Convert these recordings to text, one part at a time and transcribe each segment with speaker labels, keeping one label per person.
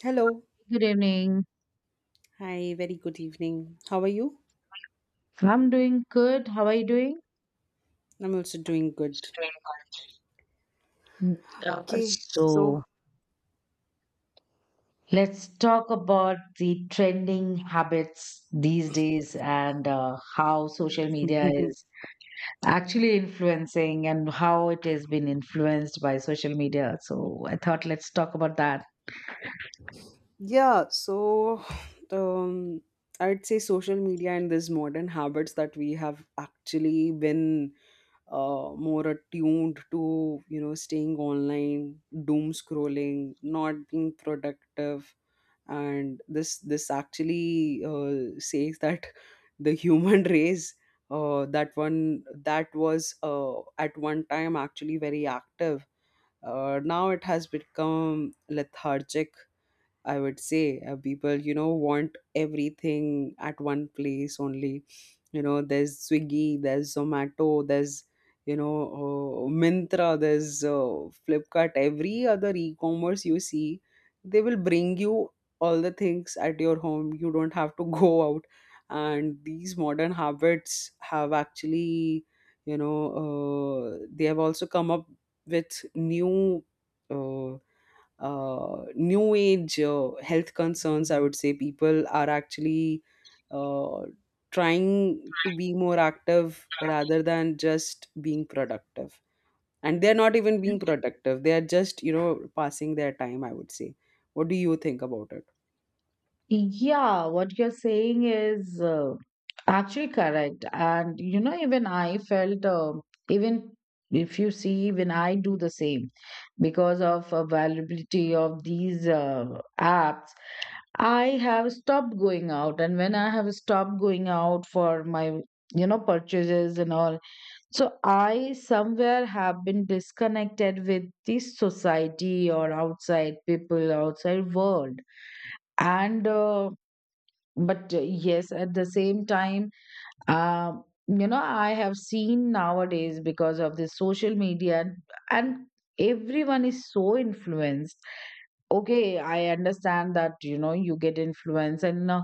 Speaker 1: Hello.
Speaker 2: Good evening.
Speaker 1: Hi, very good evening. How are you?
Speaker 2: So, I'm doing good. How are you doing?
Speaker 1: I'm also doing good.
Speaker 2: Mm, So
Speaker 1: So,
Speaker 2: let's talk about the trending habits these days and how social media is actually influencing and how it has been influenced by social media. So I thought let's talk about that.
Speaker 1: yeah, so um, I'd say social media and these modern habits that we have actually been more attuned to, staying online, doom scrolling, not being productive, and this actually says that the human race, that one that was, at one time actually very active. Now it has become lethargic, I would say. People, want everything at one place only. There's Swiggy, there's Zomato, there's Mintra, there's Flipkart. Every other e-commerce you see, they will bring you all the things at your home. You don't have to go out. And these modern habits have actually, you know, they have also come up with new. Uh, New age health concerns, I would say. People are actually uh, trying to be more active rather than just being productive, and they're not even being productive, they are just passing their time, I would say. What do you think about it?
Speaker 2: Yeah, what you're saying is actually correct. And, you know, even I felt, even if you see, even I do the same because of availability of these apps, I have stopped going out. And when I have stopped going out for my, you know, purchases and all, so I somewhere have been disconnected with the society or outside people, outside world. And, uh, but yes, at the same time, you know, I have seen nowadays because of the social media and everyone is so influenced. Okay, I understand that, you know, you get influenced and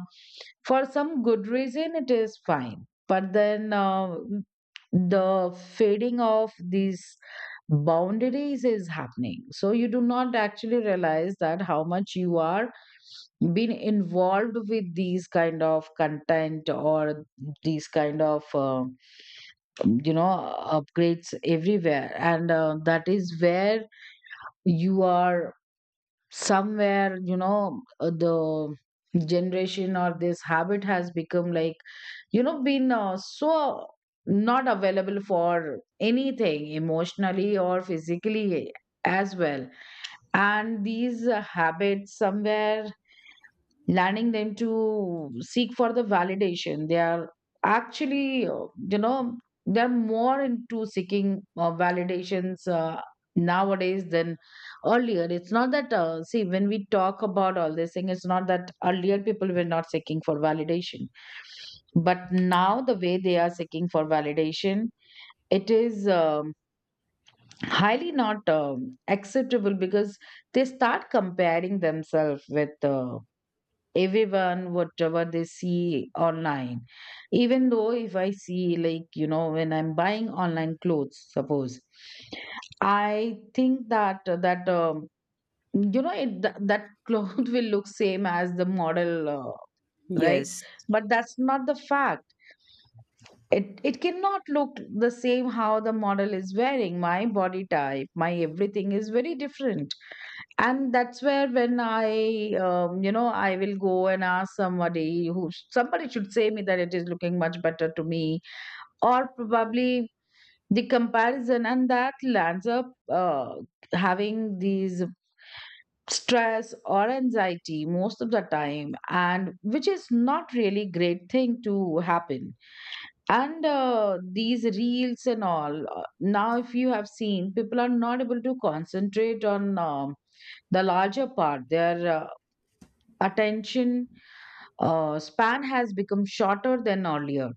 Speaker 2: for some good reason it is fine, but then the fading of these boundaries is happening, so you do not actually realize that how much you are being involved with these kind of content or these kind of you know upgrades everywhere, and that is where you are somewhere you know the generation or this habit has become like you know been so not available for anything emotionally or physically as well. And these habits somewhere learning them to seek for the validation, they are actually you know, they're more into seeking validations nowadays than earlier. It's not that see, when we talk about all this thing, it's not that earlier people were not seeking for validation, but now the way they are seeking for validation, it is highly not acceptable, because they start comparing themselves with everyone, whatever they see online. Even though if I see, like, you know, when I'm buying online clothes, suppose I think that you know it, that cloth will look same as the model, right?
Speaker 1: Yes,
Speaker 2: But that's not the fact. It cannot look the same how the model is wearing. My body type, my everything is very different. And that's where when I you know, I will go and ask somebody, who somebody should say me that it is looking much better to me, or probably the comparison, and that lands up having these stress or anxiety most of the time, and which is not really great thing to happen. And these reels and all, now if you have seen, people are not able to concentrate on the larger part. They are attention span has become shorter than earlier,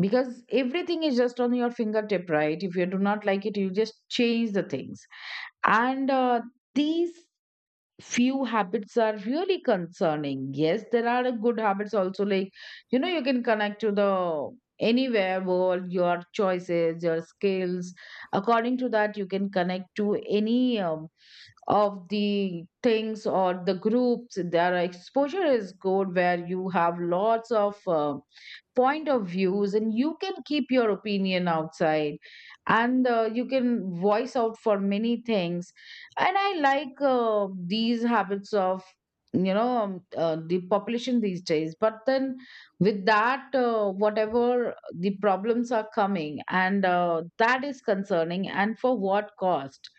Speaker 2: because everything is just on your fingertip, right? If you do not like it, you just change the things. And these few habits are really concerning. Yes, there are good habits also, like you know, you can connect to the anywhere world, your choices, your skills, according to that you can connect to any of the things or the groups. Their exposure is good, where you have lots of point of views, and you can keep your opinion outside, and you can voice out for many things. And I like these habits of the population these days, but then with that whatever the problems are coming, and that is concerning, and for what cost?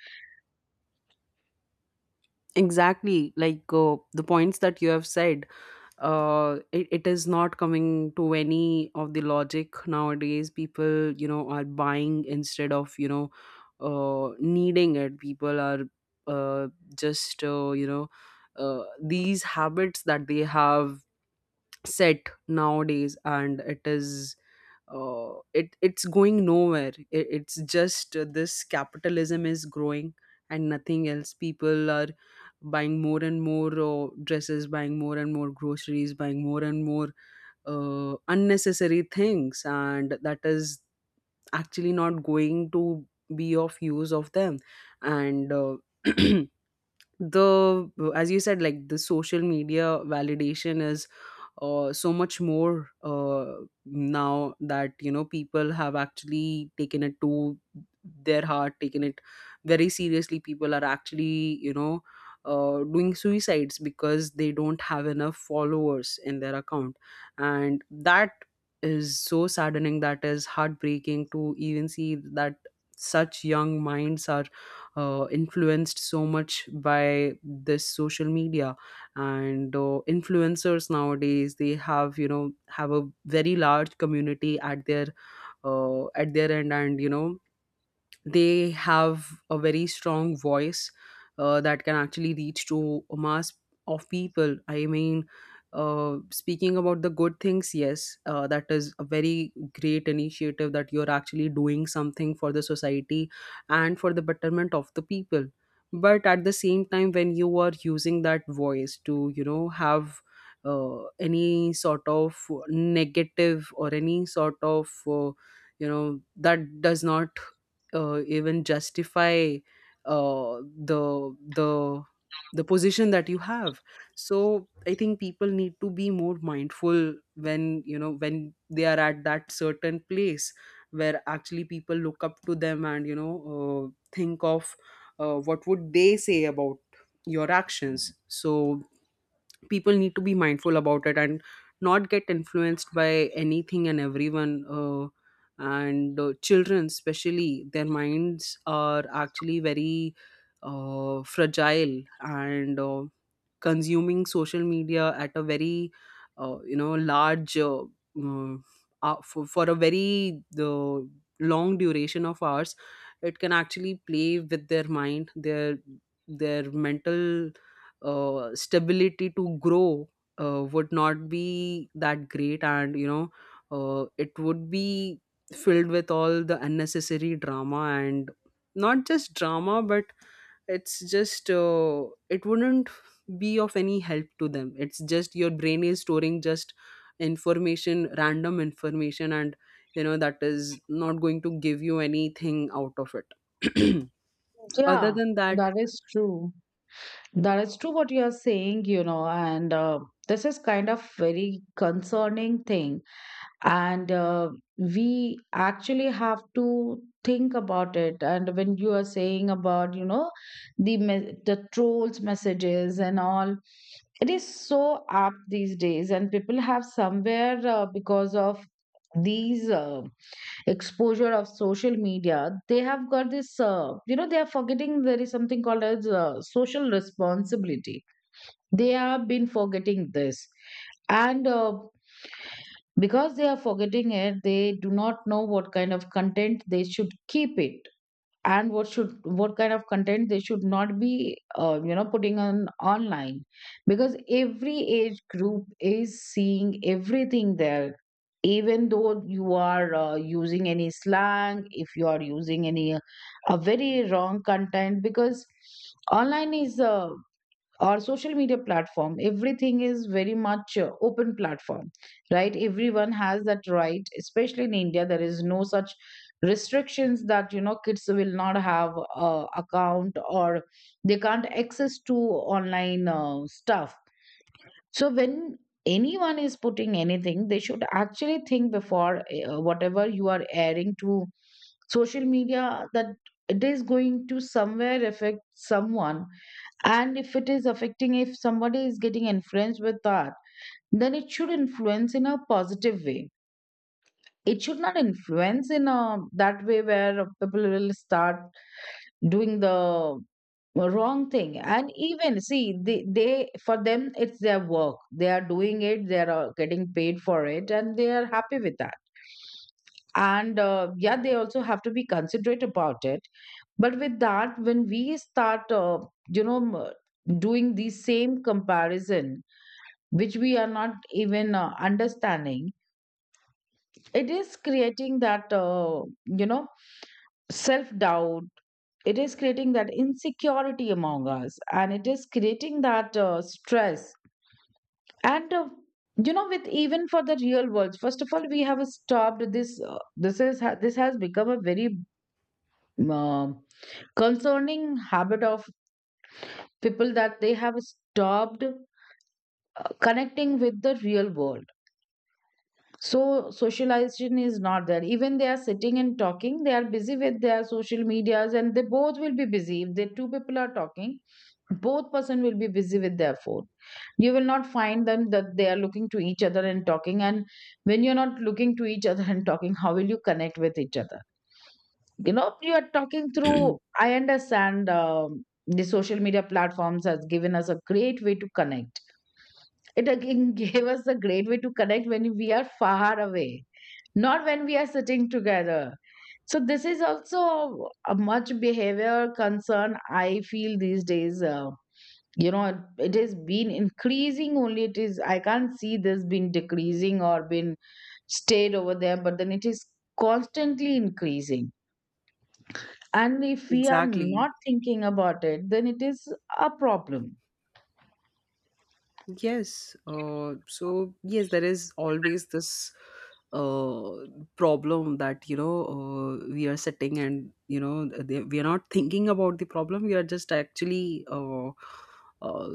Speaker 1: exactly. Like the points that you have said, it is not coming to any of the logic nowadays. People, are buying instead of needing it. People are uh just, these habits that they have set nowadays, and it is, it's going nowhere. It's just, this capitalism is growing, and nothing else. People are buying more and more dresses, buying more and more groceries, buying more and more unnecessary things, and that is actually not going to be of use of them. And the As you said, like the social media validation is, so much more now that, people have actually taken it to their heart, taken it very seriously. People are actually, doing suicides because they don't have enough followers in their account. And that is so saddening, that is heartbreaking to even see that such young minds are influenced so much by this social media, and influencers nowadays, they have you know have a very large community at their end. And they have a very strong voice that can actually reach to a mass of people. I mean, speaking about the good things, yes, that is a very great initiative that you're actually doing something for the society and for the betterment of the people. But at the same time, when you are using that voice to have any sort of negative or any sort of, that does not even justify uh, the the the position that you have. So I think people need to be more mindful when, when they are at that certain place where actually people look up to them, and, think of what would they say about your actions. So people need to be mindful about it, and not get influenced by anything and everyone. And Children especially, their minds are actually very fragile, and consuming social media at a very, large, uh, for a very the long duration of hours, it can actually play with their mind, their mental stability to grow would not be that great. And, it would be filled with all the unnecessary drama, and not just drama but it's just, it wouldn't be of any help to them. It's just your brain is storing just information, random information, and that is not going to give you anything out of it. Other
Speaker 2: Yeah,
Speaker 1: than that,
Speaker 2: that is true. That is true what you are saying, you know, and this is kind of very concerning thing. And we actually have to think about it. And when you are saying about, you know, the trolls messages and all, it is so apt these days. And people have somewhere because of these. Exposure of social media, they have got this you know, they are forgetting there is something called as social responsibility. They have been forgetting this. And because they are forgetting it, they do not know what kind of content they should keep it, and what should, what kind of content they should not be you know, putting on online, because every age group is seeing everything there. Even though you are using any slang, if you are using any a very wrong content, because online is our social media platform, everything is very much open platform, right? Everyone has that right, especially in India. There is no such restrictions that you know, kids will not have a account, or they can't access to online stuff. So when anyone is putting anything, they should actually think before whatever you are airing to social media, that it is going to somewhere affect someone. And if it is affecting, if somebody is getting influenced with that, then it should influence in a positive way. It should not influence in a that way where people will start doing the wrong thing. And even see, they for them it's their work, they are doing it, they are getting paid for it, and they are happy with that. And yeah, they also have to be considerate about it. But with that, when we start you know, doing the same comparison, which we are not even understanding, it is creating that you know, self doubt. It is creating that insecurity among us, and it is creating that stress. And you know, with even for the real world, first of all we have stopped this this has become a very uh, concerning habit of people, that they have stopped connecting with the real world. So socialization is not there. Even they are sitting and talking, they are busy with their social medias, and they both will be busy. If the two people are talking, both person will be busy with their phone. You will not find them that they are looking to each other and talking. And when you're not looking to each other and talking, how will you connect with each other? You know, you are talking through, I understand the social media platforms has given us a great way to connect. It again gave us a great way to connect when we are far away, not when we are sitting together. So this is also a much behavior concern I feel these days. You know, it has been increasing only. It is, I can't see this being decreasing or been stayed over there, but then it is constantly increasing. And if we are
Speaker 1: exactly.
Speaker 2: not thinking about it, then it is a problem.
Speaker 1: Yes. So yes, there is always this uh, problem that, we are sitting and, we are not thinking about the problem. We are just actually uh,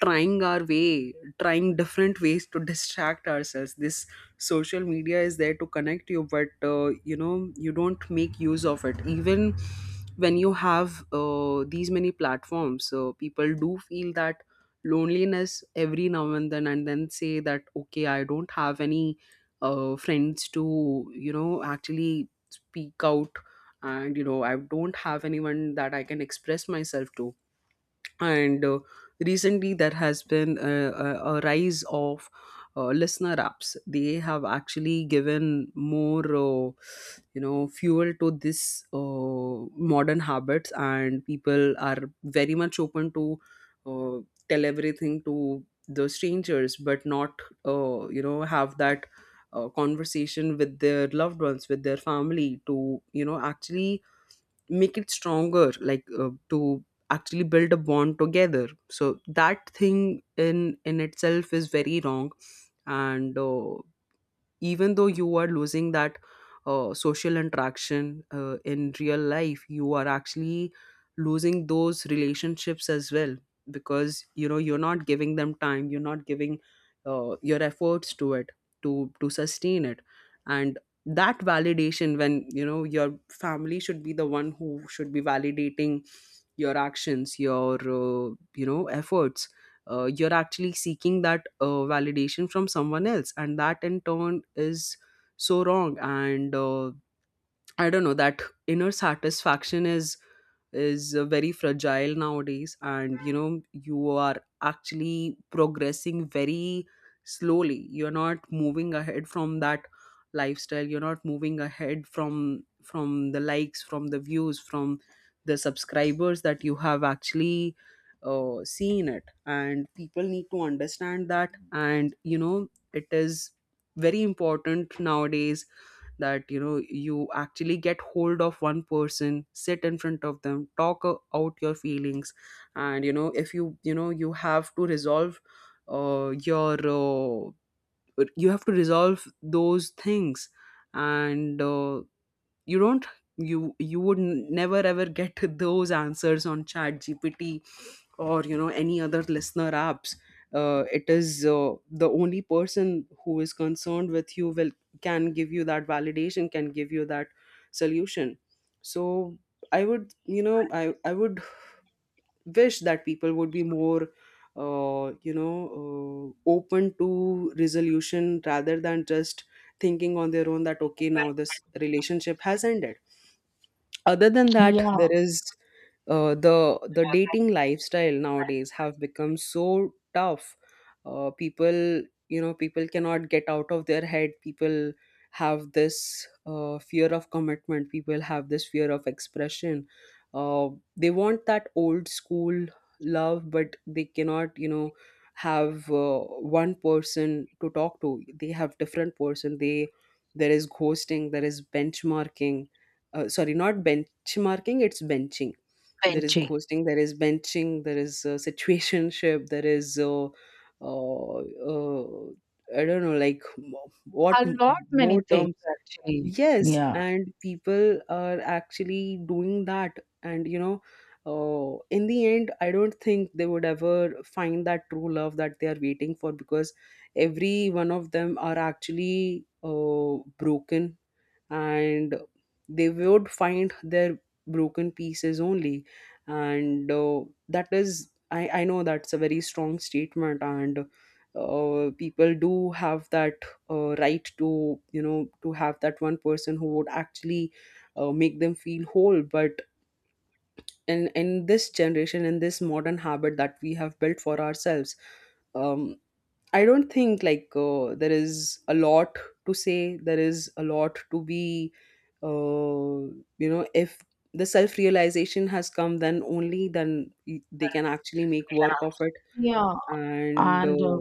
Speaker 1: trying our way, trying different ways to distract ourselves. This social media is there to connect you, but, you don't make use of it. Even when you have these many platforms, so people do feel that loneliness every now and then say that, okay, I don't have any friends to, actually speak out. And, I don't have anyone that I can express myself to. And recently there has been a rise of listener apps. They have actually given more, fuel to this, modern habits. And people are very much open to uh, tell everything to the strangers, but not, have that conversation with their loved ones, with their family, to actually make it stronger, like to actually build a bond together. So that thing in itself is very wrong. And even though you are losing that social interaction in real life, you are actually losing those relationships as well, because, you're not giving them time, you're not giving your efforts to it, to sustain it. And that validation, when your family should be the one who should be validating your actions, your, efforts, you're actually seeking that validation from someone else, and that in turn is so wrong. And, I don't know, that inner satisfaction is very fragile nowadays, and you are actually progressing very slowly, you're not moving ahead from that lifestyle, you're not moving ahead from the likes, from the views, from the subscribers that you have actually seen it. And people need to understand that, and it is very important nowadays that, you actually get hold of one person, sit in front of them, out your feelings. And, if you, you know you have to resolve uh, your uh, you have to resolve those things. And you don't, you would never ever get those answers on chat gpt, or any other listener apps. It is the only person who is concerned with you will, can give you that validation, can give you that solution. So I would, I would wish that people would be more, open to resolution rather than just thinking on their own that okay, now this relationship has ended. Other than that,
Speaker 2: Yeah,
Speaker 1: there is uh, the the dating lifestyle nowadays have become so tough. People, people cannot get out of their head. People have this fear of commitment, people have this fear of expression. uh, they want that old school love, but they cannot, have one person to talk to. They have different person. They, there is ghosting, there is benchmarking. Sorry, not benchmarking, it's benching. There is
Speaker 2: benching.
Speaker 1: ghosting, there is benching, there is situationship, there is, uh, uh, I don't know, like
Speaker 2: A lot many
Speaker 1: more
Speaker 2: things
Speaker 1: terms.
Speaker 2: actually.
Speaker 1: Yes,
Speaker 2: Yeah,
Speaker 1: and people are actually doing that. And, in the end, I don't think they would ever find that true love that they are waiting for, because every one of them are actually broken, and they would find their broken pieces only. And that is, I know that's a very strong statement. And people do have that right to, to have that one person who would actually make them feel whole. But in this generation, in this modern habit that we have built for ourselves, um, I don't think, like there is a lot to say. There is a lot to be, uh, if the self realization has come, then only then they can actually make work of it.
Speaker 2: yeah,
Speaker 1: And
Speaker 2: and.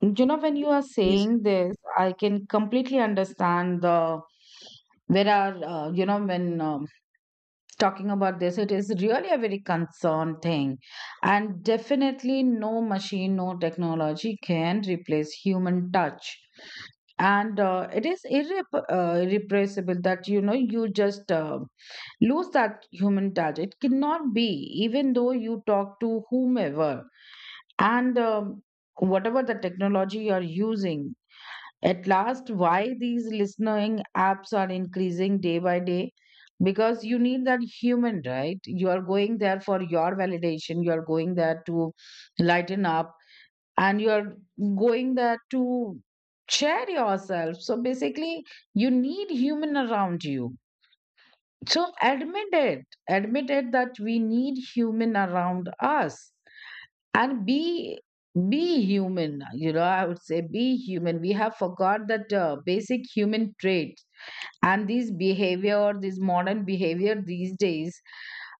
Speaker 2: You know, when you are
Speaker 1: these-
Speaker 2: saying this, I can completely understand the. There are, you know, when talking about this, it is really a very concerned thing. And definitely, no machine, no technology can replace human touch. And it is irrepressible that, you know, you just lose that human touch. It cannot be, even though you talk to whomever. And whatever the technology you're using at last, why these listening apps are increasing day by day? Because you need that human, right? You are going there for your validation, you are going there to lighten up, and you are going there to share yourself. So basically, you need human around you. So admit it. Admit it that we need human around us and be human. I would say be human. We have forgot that basic human trait and these behavior, this modern behavior these days.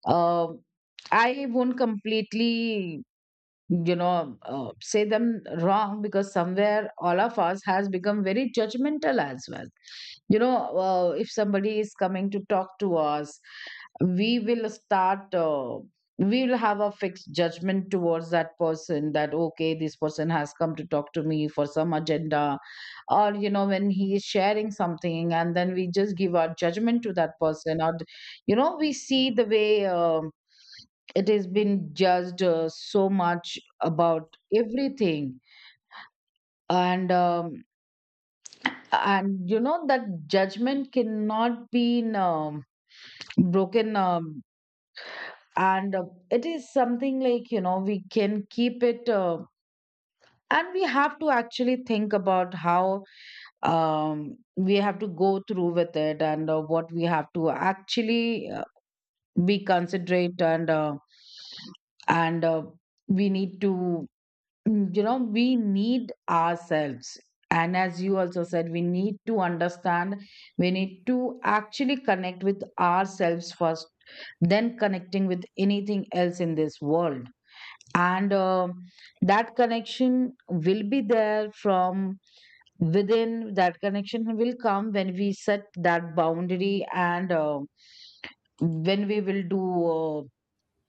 Speaker 2: um I won't completely, say them wrong, because somewhere all of us has become very judgmental as well. If somebody is coming to talk to us, we will have a fixed judgment towards that person that okay, this person has come to talk to me for some agenda. Or when he is sharing something, and then we just give our judgment to that person. Or we see the way it has been judged so much about everything. And that judgment cannot be um, broken, and it is something like, we can keep it. And we have to actually think about how we have to go through with it, and what we have to actually be considerate, and we need to. Mm, we need ourselves, and as you also said, we need to understand, we need to actually connect with ourselves first, then connecting with anything else in this world. And that connection will be there from within. That connection will come when we set that boundary, and when we will do uh,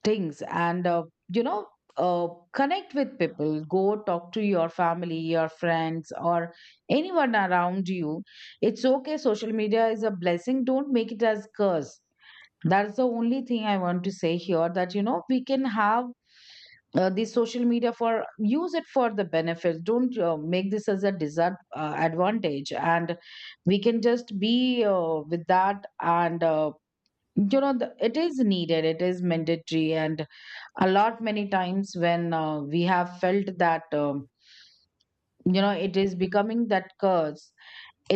Speaker 2: things, and you know uh, connect with people. Go talk to your family, your friends, or anyone around you. It's okay, social media is a blessing, don't make it as curse. That's the only thing I want to say here, that we can have the social media, for use it for the benefits. Don't make this as a disadvantage advantage. And we can just be with that, and it is needed, it is mandatory. And a lot many times when we have felt that, it is becoming that curse,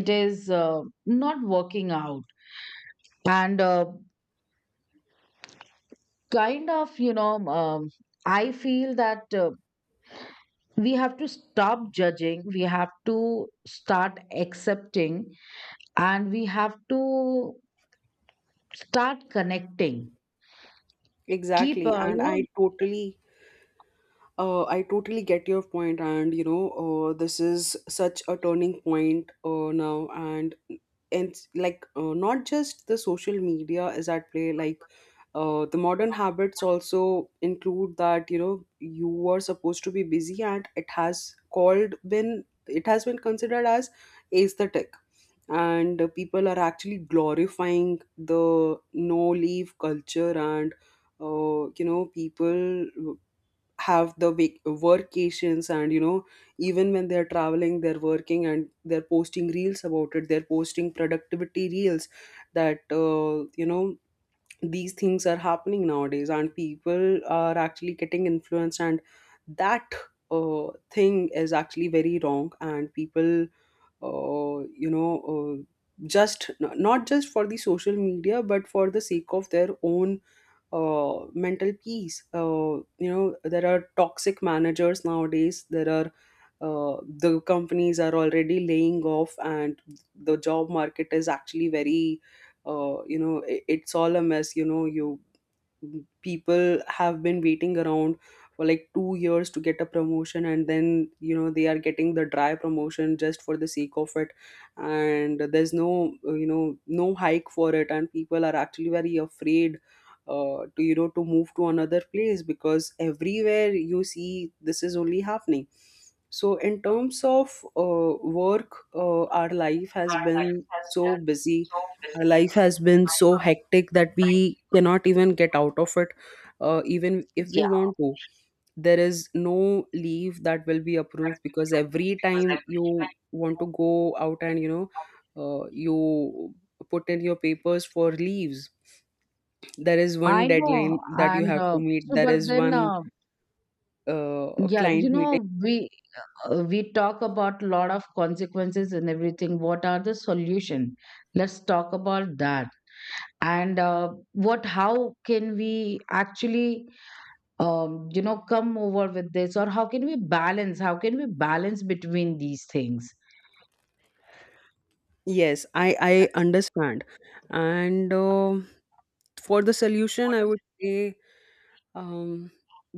Speaker 2: it is not working out, and kind of, I feel that we have to stop judging, we have to start accepting, and we have to start connecting, keep
Speaker 1: exactly. And
Speaker 2: you know
Speaker 1: I totally. I totally get your point, and, this is such a turning point now, and like not just the social media is at play, like the modern habits also include that, you were supposed to be busy, and it has called been it has been considered as aesthetic. And people are actually glorifying the no leave culture. And, people have the workations. And even when they're traveling, they're working, and they're posting reels about it, they're posting productivity reels that, these things are happening nowadays, and people are actually getting influenced. And that, thing is actually very wrong. And people, uh, you know uh, just not just for the social media but for the sake of their own mental peace. There are toxic managers nowadays. There are, the companies are already laying off, and the job market is actually very, it's all a mess. You know, you People have been waiting around for like 2 years to get a promotion, and then they are getting the dry promotion just for the sake of it. And there's no, no hike for it, and people are actually very afraid to, to move to another place because everywhere you see this is only happening. So in terms of uh, work, our life has been so busy, our life has been so hectic that we cannot even get out of it, even if we
Speaker 2: yeah.
Speaker 1: want to. There is no leave that will be approved, because every time you want to go out and, you put in your papers for leaves, there is
Speaker 2: I
Speaker 1: one
Speaker 2: know,
Speaker 1: deadline that you
Speaker 2: and
Speaker 1: have to meet,
Speaker 2: so
Speaker 1: there
Speaker 2: but
Speaker 1: is
Speaker 2: then
Speaker 1: one
Speaker 2: yeah.
Speaker 1: client meeting.
Speaker 2: We, we talk about lot of consequences and everything. What are the solution? Let's talk about that. And what? How can we actually, come over with this, or how can we balance? How can we balance between these things
Speaker 1: Yes, I understand. And for the solution, I would say, um,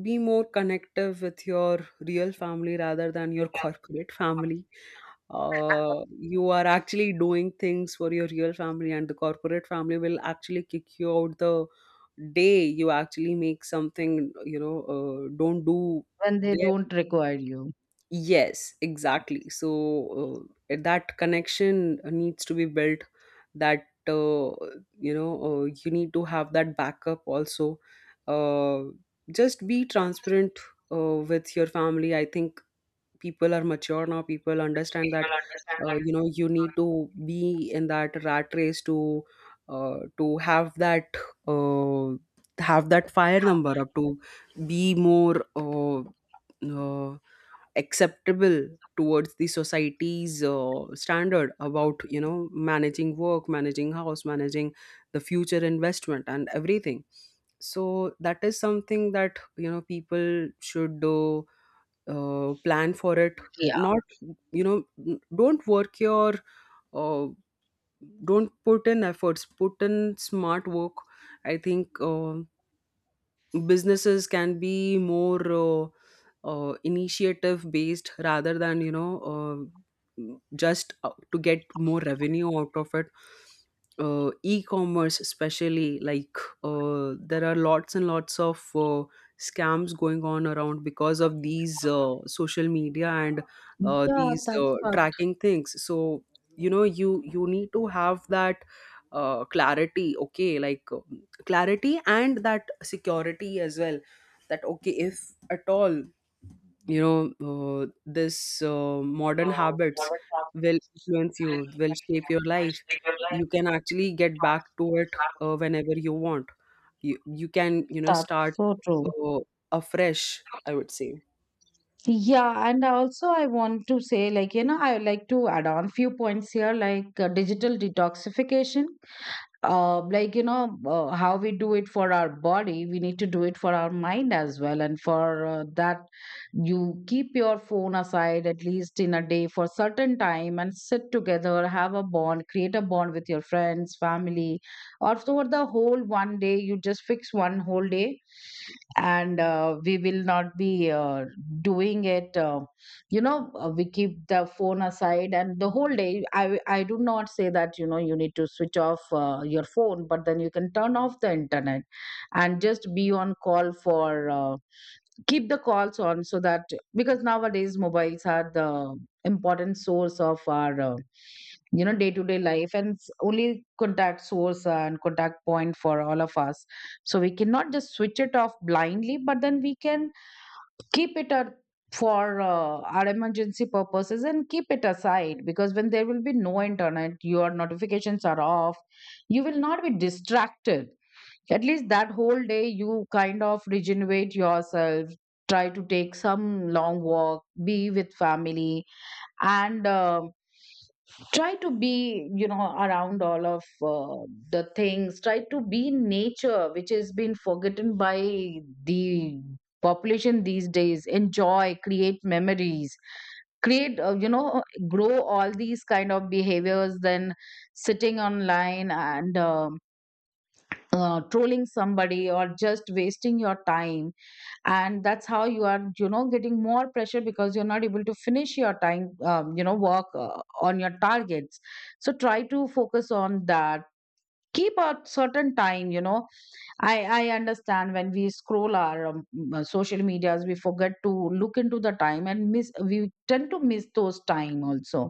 Speaker 1: be more connective with your real family rather than your corporate family. You are actually doing things for your real family, and the corporate family will actually kick you out the day you actually make something. Don't do
Speaker 2: when they
Speaker 1: there.
Speaker 2: don't require you?
Speaker 1: Yes, exactly. So that connection needs to be built. That uh, you need to have that backup also. Uh, just be transparent with your family. I think people are mature now. People understand that, you need to be in that rat race to, to have that uh, fire number up to be more. Uh, Acceptable towards the society's standard about, managing work, managing house, managing the future investment and everything. So that is something that, people should plan for it.
Speaker 2: Yeah,
Speaker 1: Not, don't work your uh, don't put in efforts, put in smart work. I think businesses can be more initiative based rather than, uh, just to get more revenue out of it. E-commerce especially, like there are lots and lots of scams going on around because of these social media and
Speaker 2: yeah,
Speaker 1: these
Speaker 2: that's fucked.
Speaker 1: tracking things. So, you need to have that clarity, okay, like clarity and that security as well, that okay, if at all, you know this modern habits will influence you, will shape your life, you can actually get back to it whenever you want. You can,
Speaker 2: That's
Speaker 1: start
Speaker 2: so true.
Speaker 1: uh, afresh, I would say.
Speaker 2: Yeah, and also I want to say, like, I would like to add on few points here, like digital detoxification. How we do it for our body, we need to do it for our mind as well. And for that, you keep your phone aside at least in a day for certain time, and sit together, have a bond, create a bond with your friends, family, or for the whole one day. You just fix one whole day, and we will not be doing it. We keep the phone aside, and the whole day, I do not say that you need to switch off your phone, but then you can turn off the internet and just be on call for, keep the calls on, so that, because nowadays mobiles are the important source of our, day to day life, and it's only contact source and contact point for all of us. So we cannot just switch it off blindly, but then we can keep it at, for our emergency purposes, and keep it aside, because when there will be no internet, your notifications are off, you will not be distracted. At least that whole day, you kind of regenerate yourself. Try to take some long walk, be with family, and try to be, around all of the things. Try to be in nature, which has been forgotten by the population these days. Enjoy, create memories, create, grow all these kind of behaviors, than sitting online, and trolling somebody or just wasting your time. And that's how you are, getting more pressure, because you're not able to finish your time you know work on your targets. So try to focus on that. Keep a certain time, I understand when we scroll our social medias, we forget to look into the time and miss we tend to miss those time also.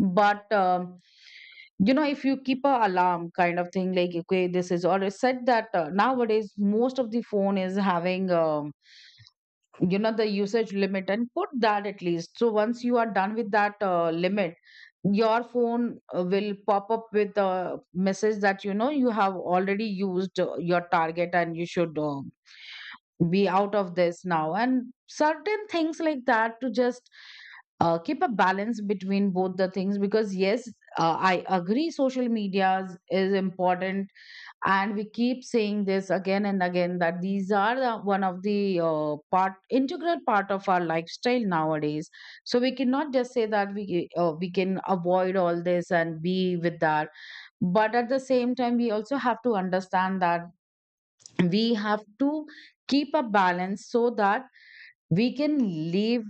Speaker 2: But you know, if you keep a alarm kind of thing, like okay, this is, or set that, nowadays most of the phone is having, the usage limit, and put that at least, so once you are done with that limit, your phone will pop up with a message that you know you have already used your target, and you should be out of this now, and certain things like that, to just keep a balance between both the things. Because yes, I agree, social media is important, and we keep saying this again and again, that these are the, one of the part, integral part of our lifestyle nowadays. So we cannot just say that we can avoid all this and be with that. But at the same time, we also have to understand that we have to keep a balance, so that we can live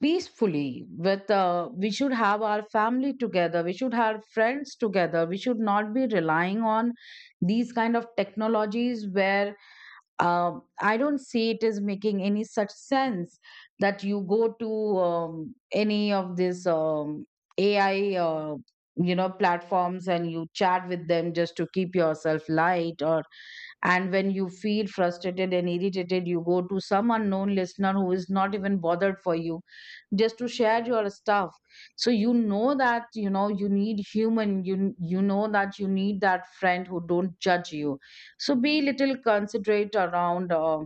Speaker 2: peacefully with, we should have our family together, we should have friends together, we should not be relying on these kind of technologies, where, uh, I don't see it is making any such sense, that you go to, any of these, AI platforms, and you chat with them just to keep yourself light, or and when you feel frustrated and irritated, you go to some unknown listener who is not even bothered for you, just to share your stuff. So you know that, you know you need human. You know that you need that friend who don't judge you. So be little considerate around.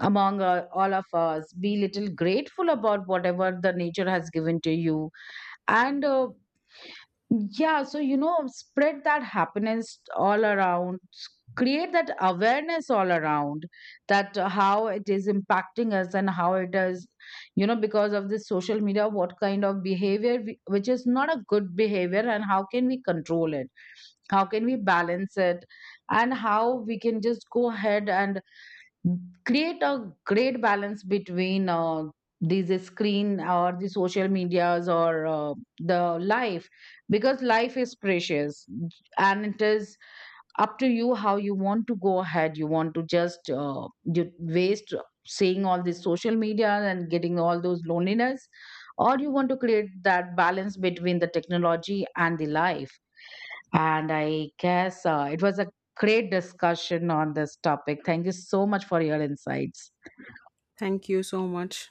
Speaker 2: Among all of us, be little grateful about whatever the nature has given to you. And yeah, so you know, spread that happiness all around, s- create that awareness all around, that how it is impacting us, and how it is, you know, because of this social media, what kind of behavior, we, which is not a good behavior, and how can we control it? How can we balance it? And how we can just go ahead and create a great balance between these screen, or the social medias, or the life. Because life is precious, and it is up to you how you want to go ahead. You want to just you waste seeing all these social media and getting all those loneliness, or you want to create that balance between the technology and the life. And I guess it was a great discussion on this topic. Thank you so much for your insights.
Speaker 1: Thank you so much.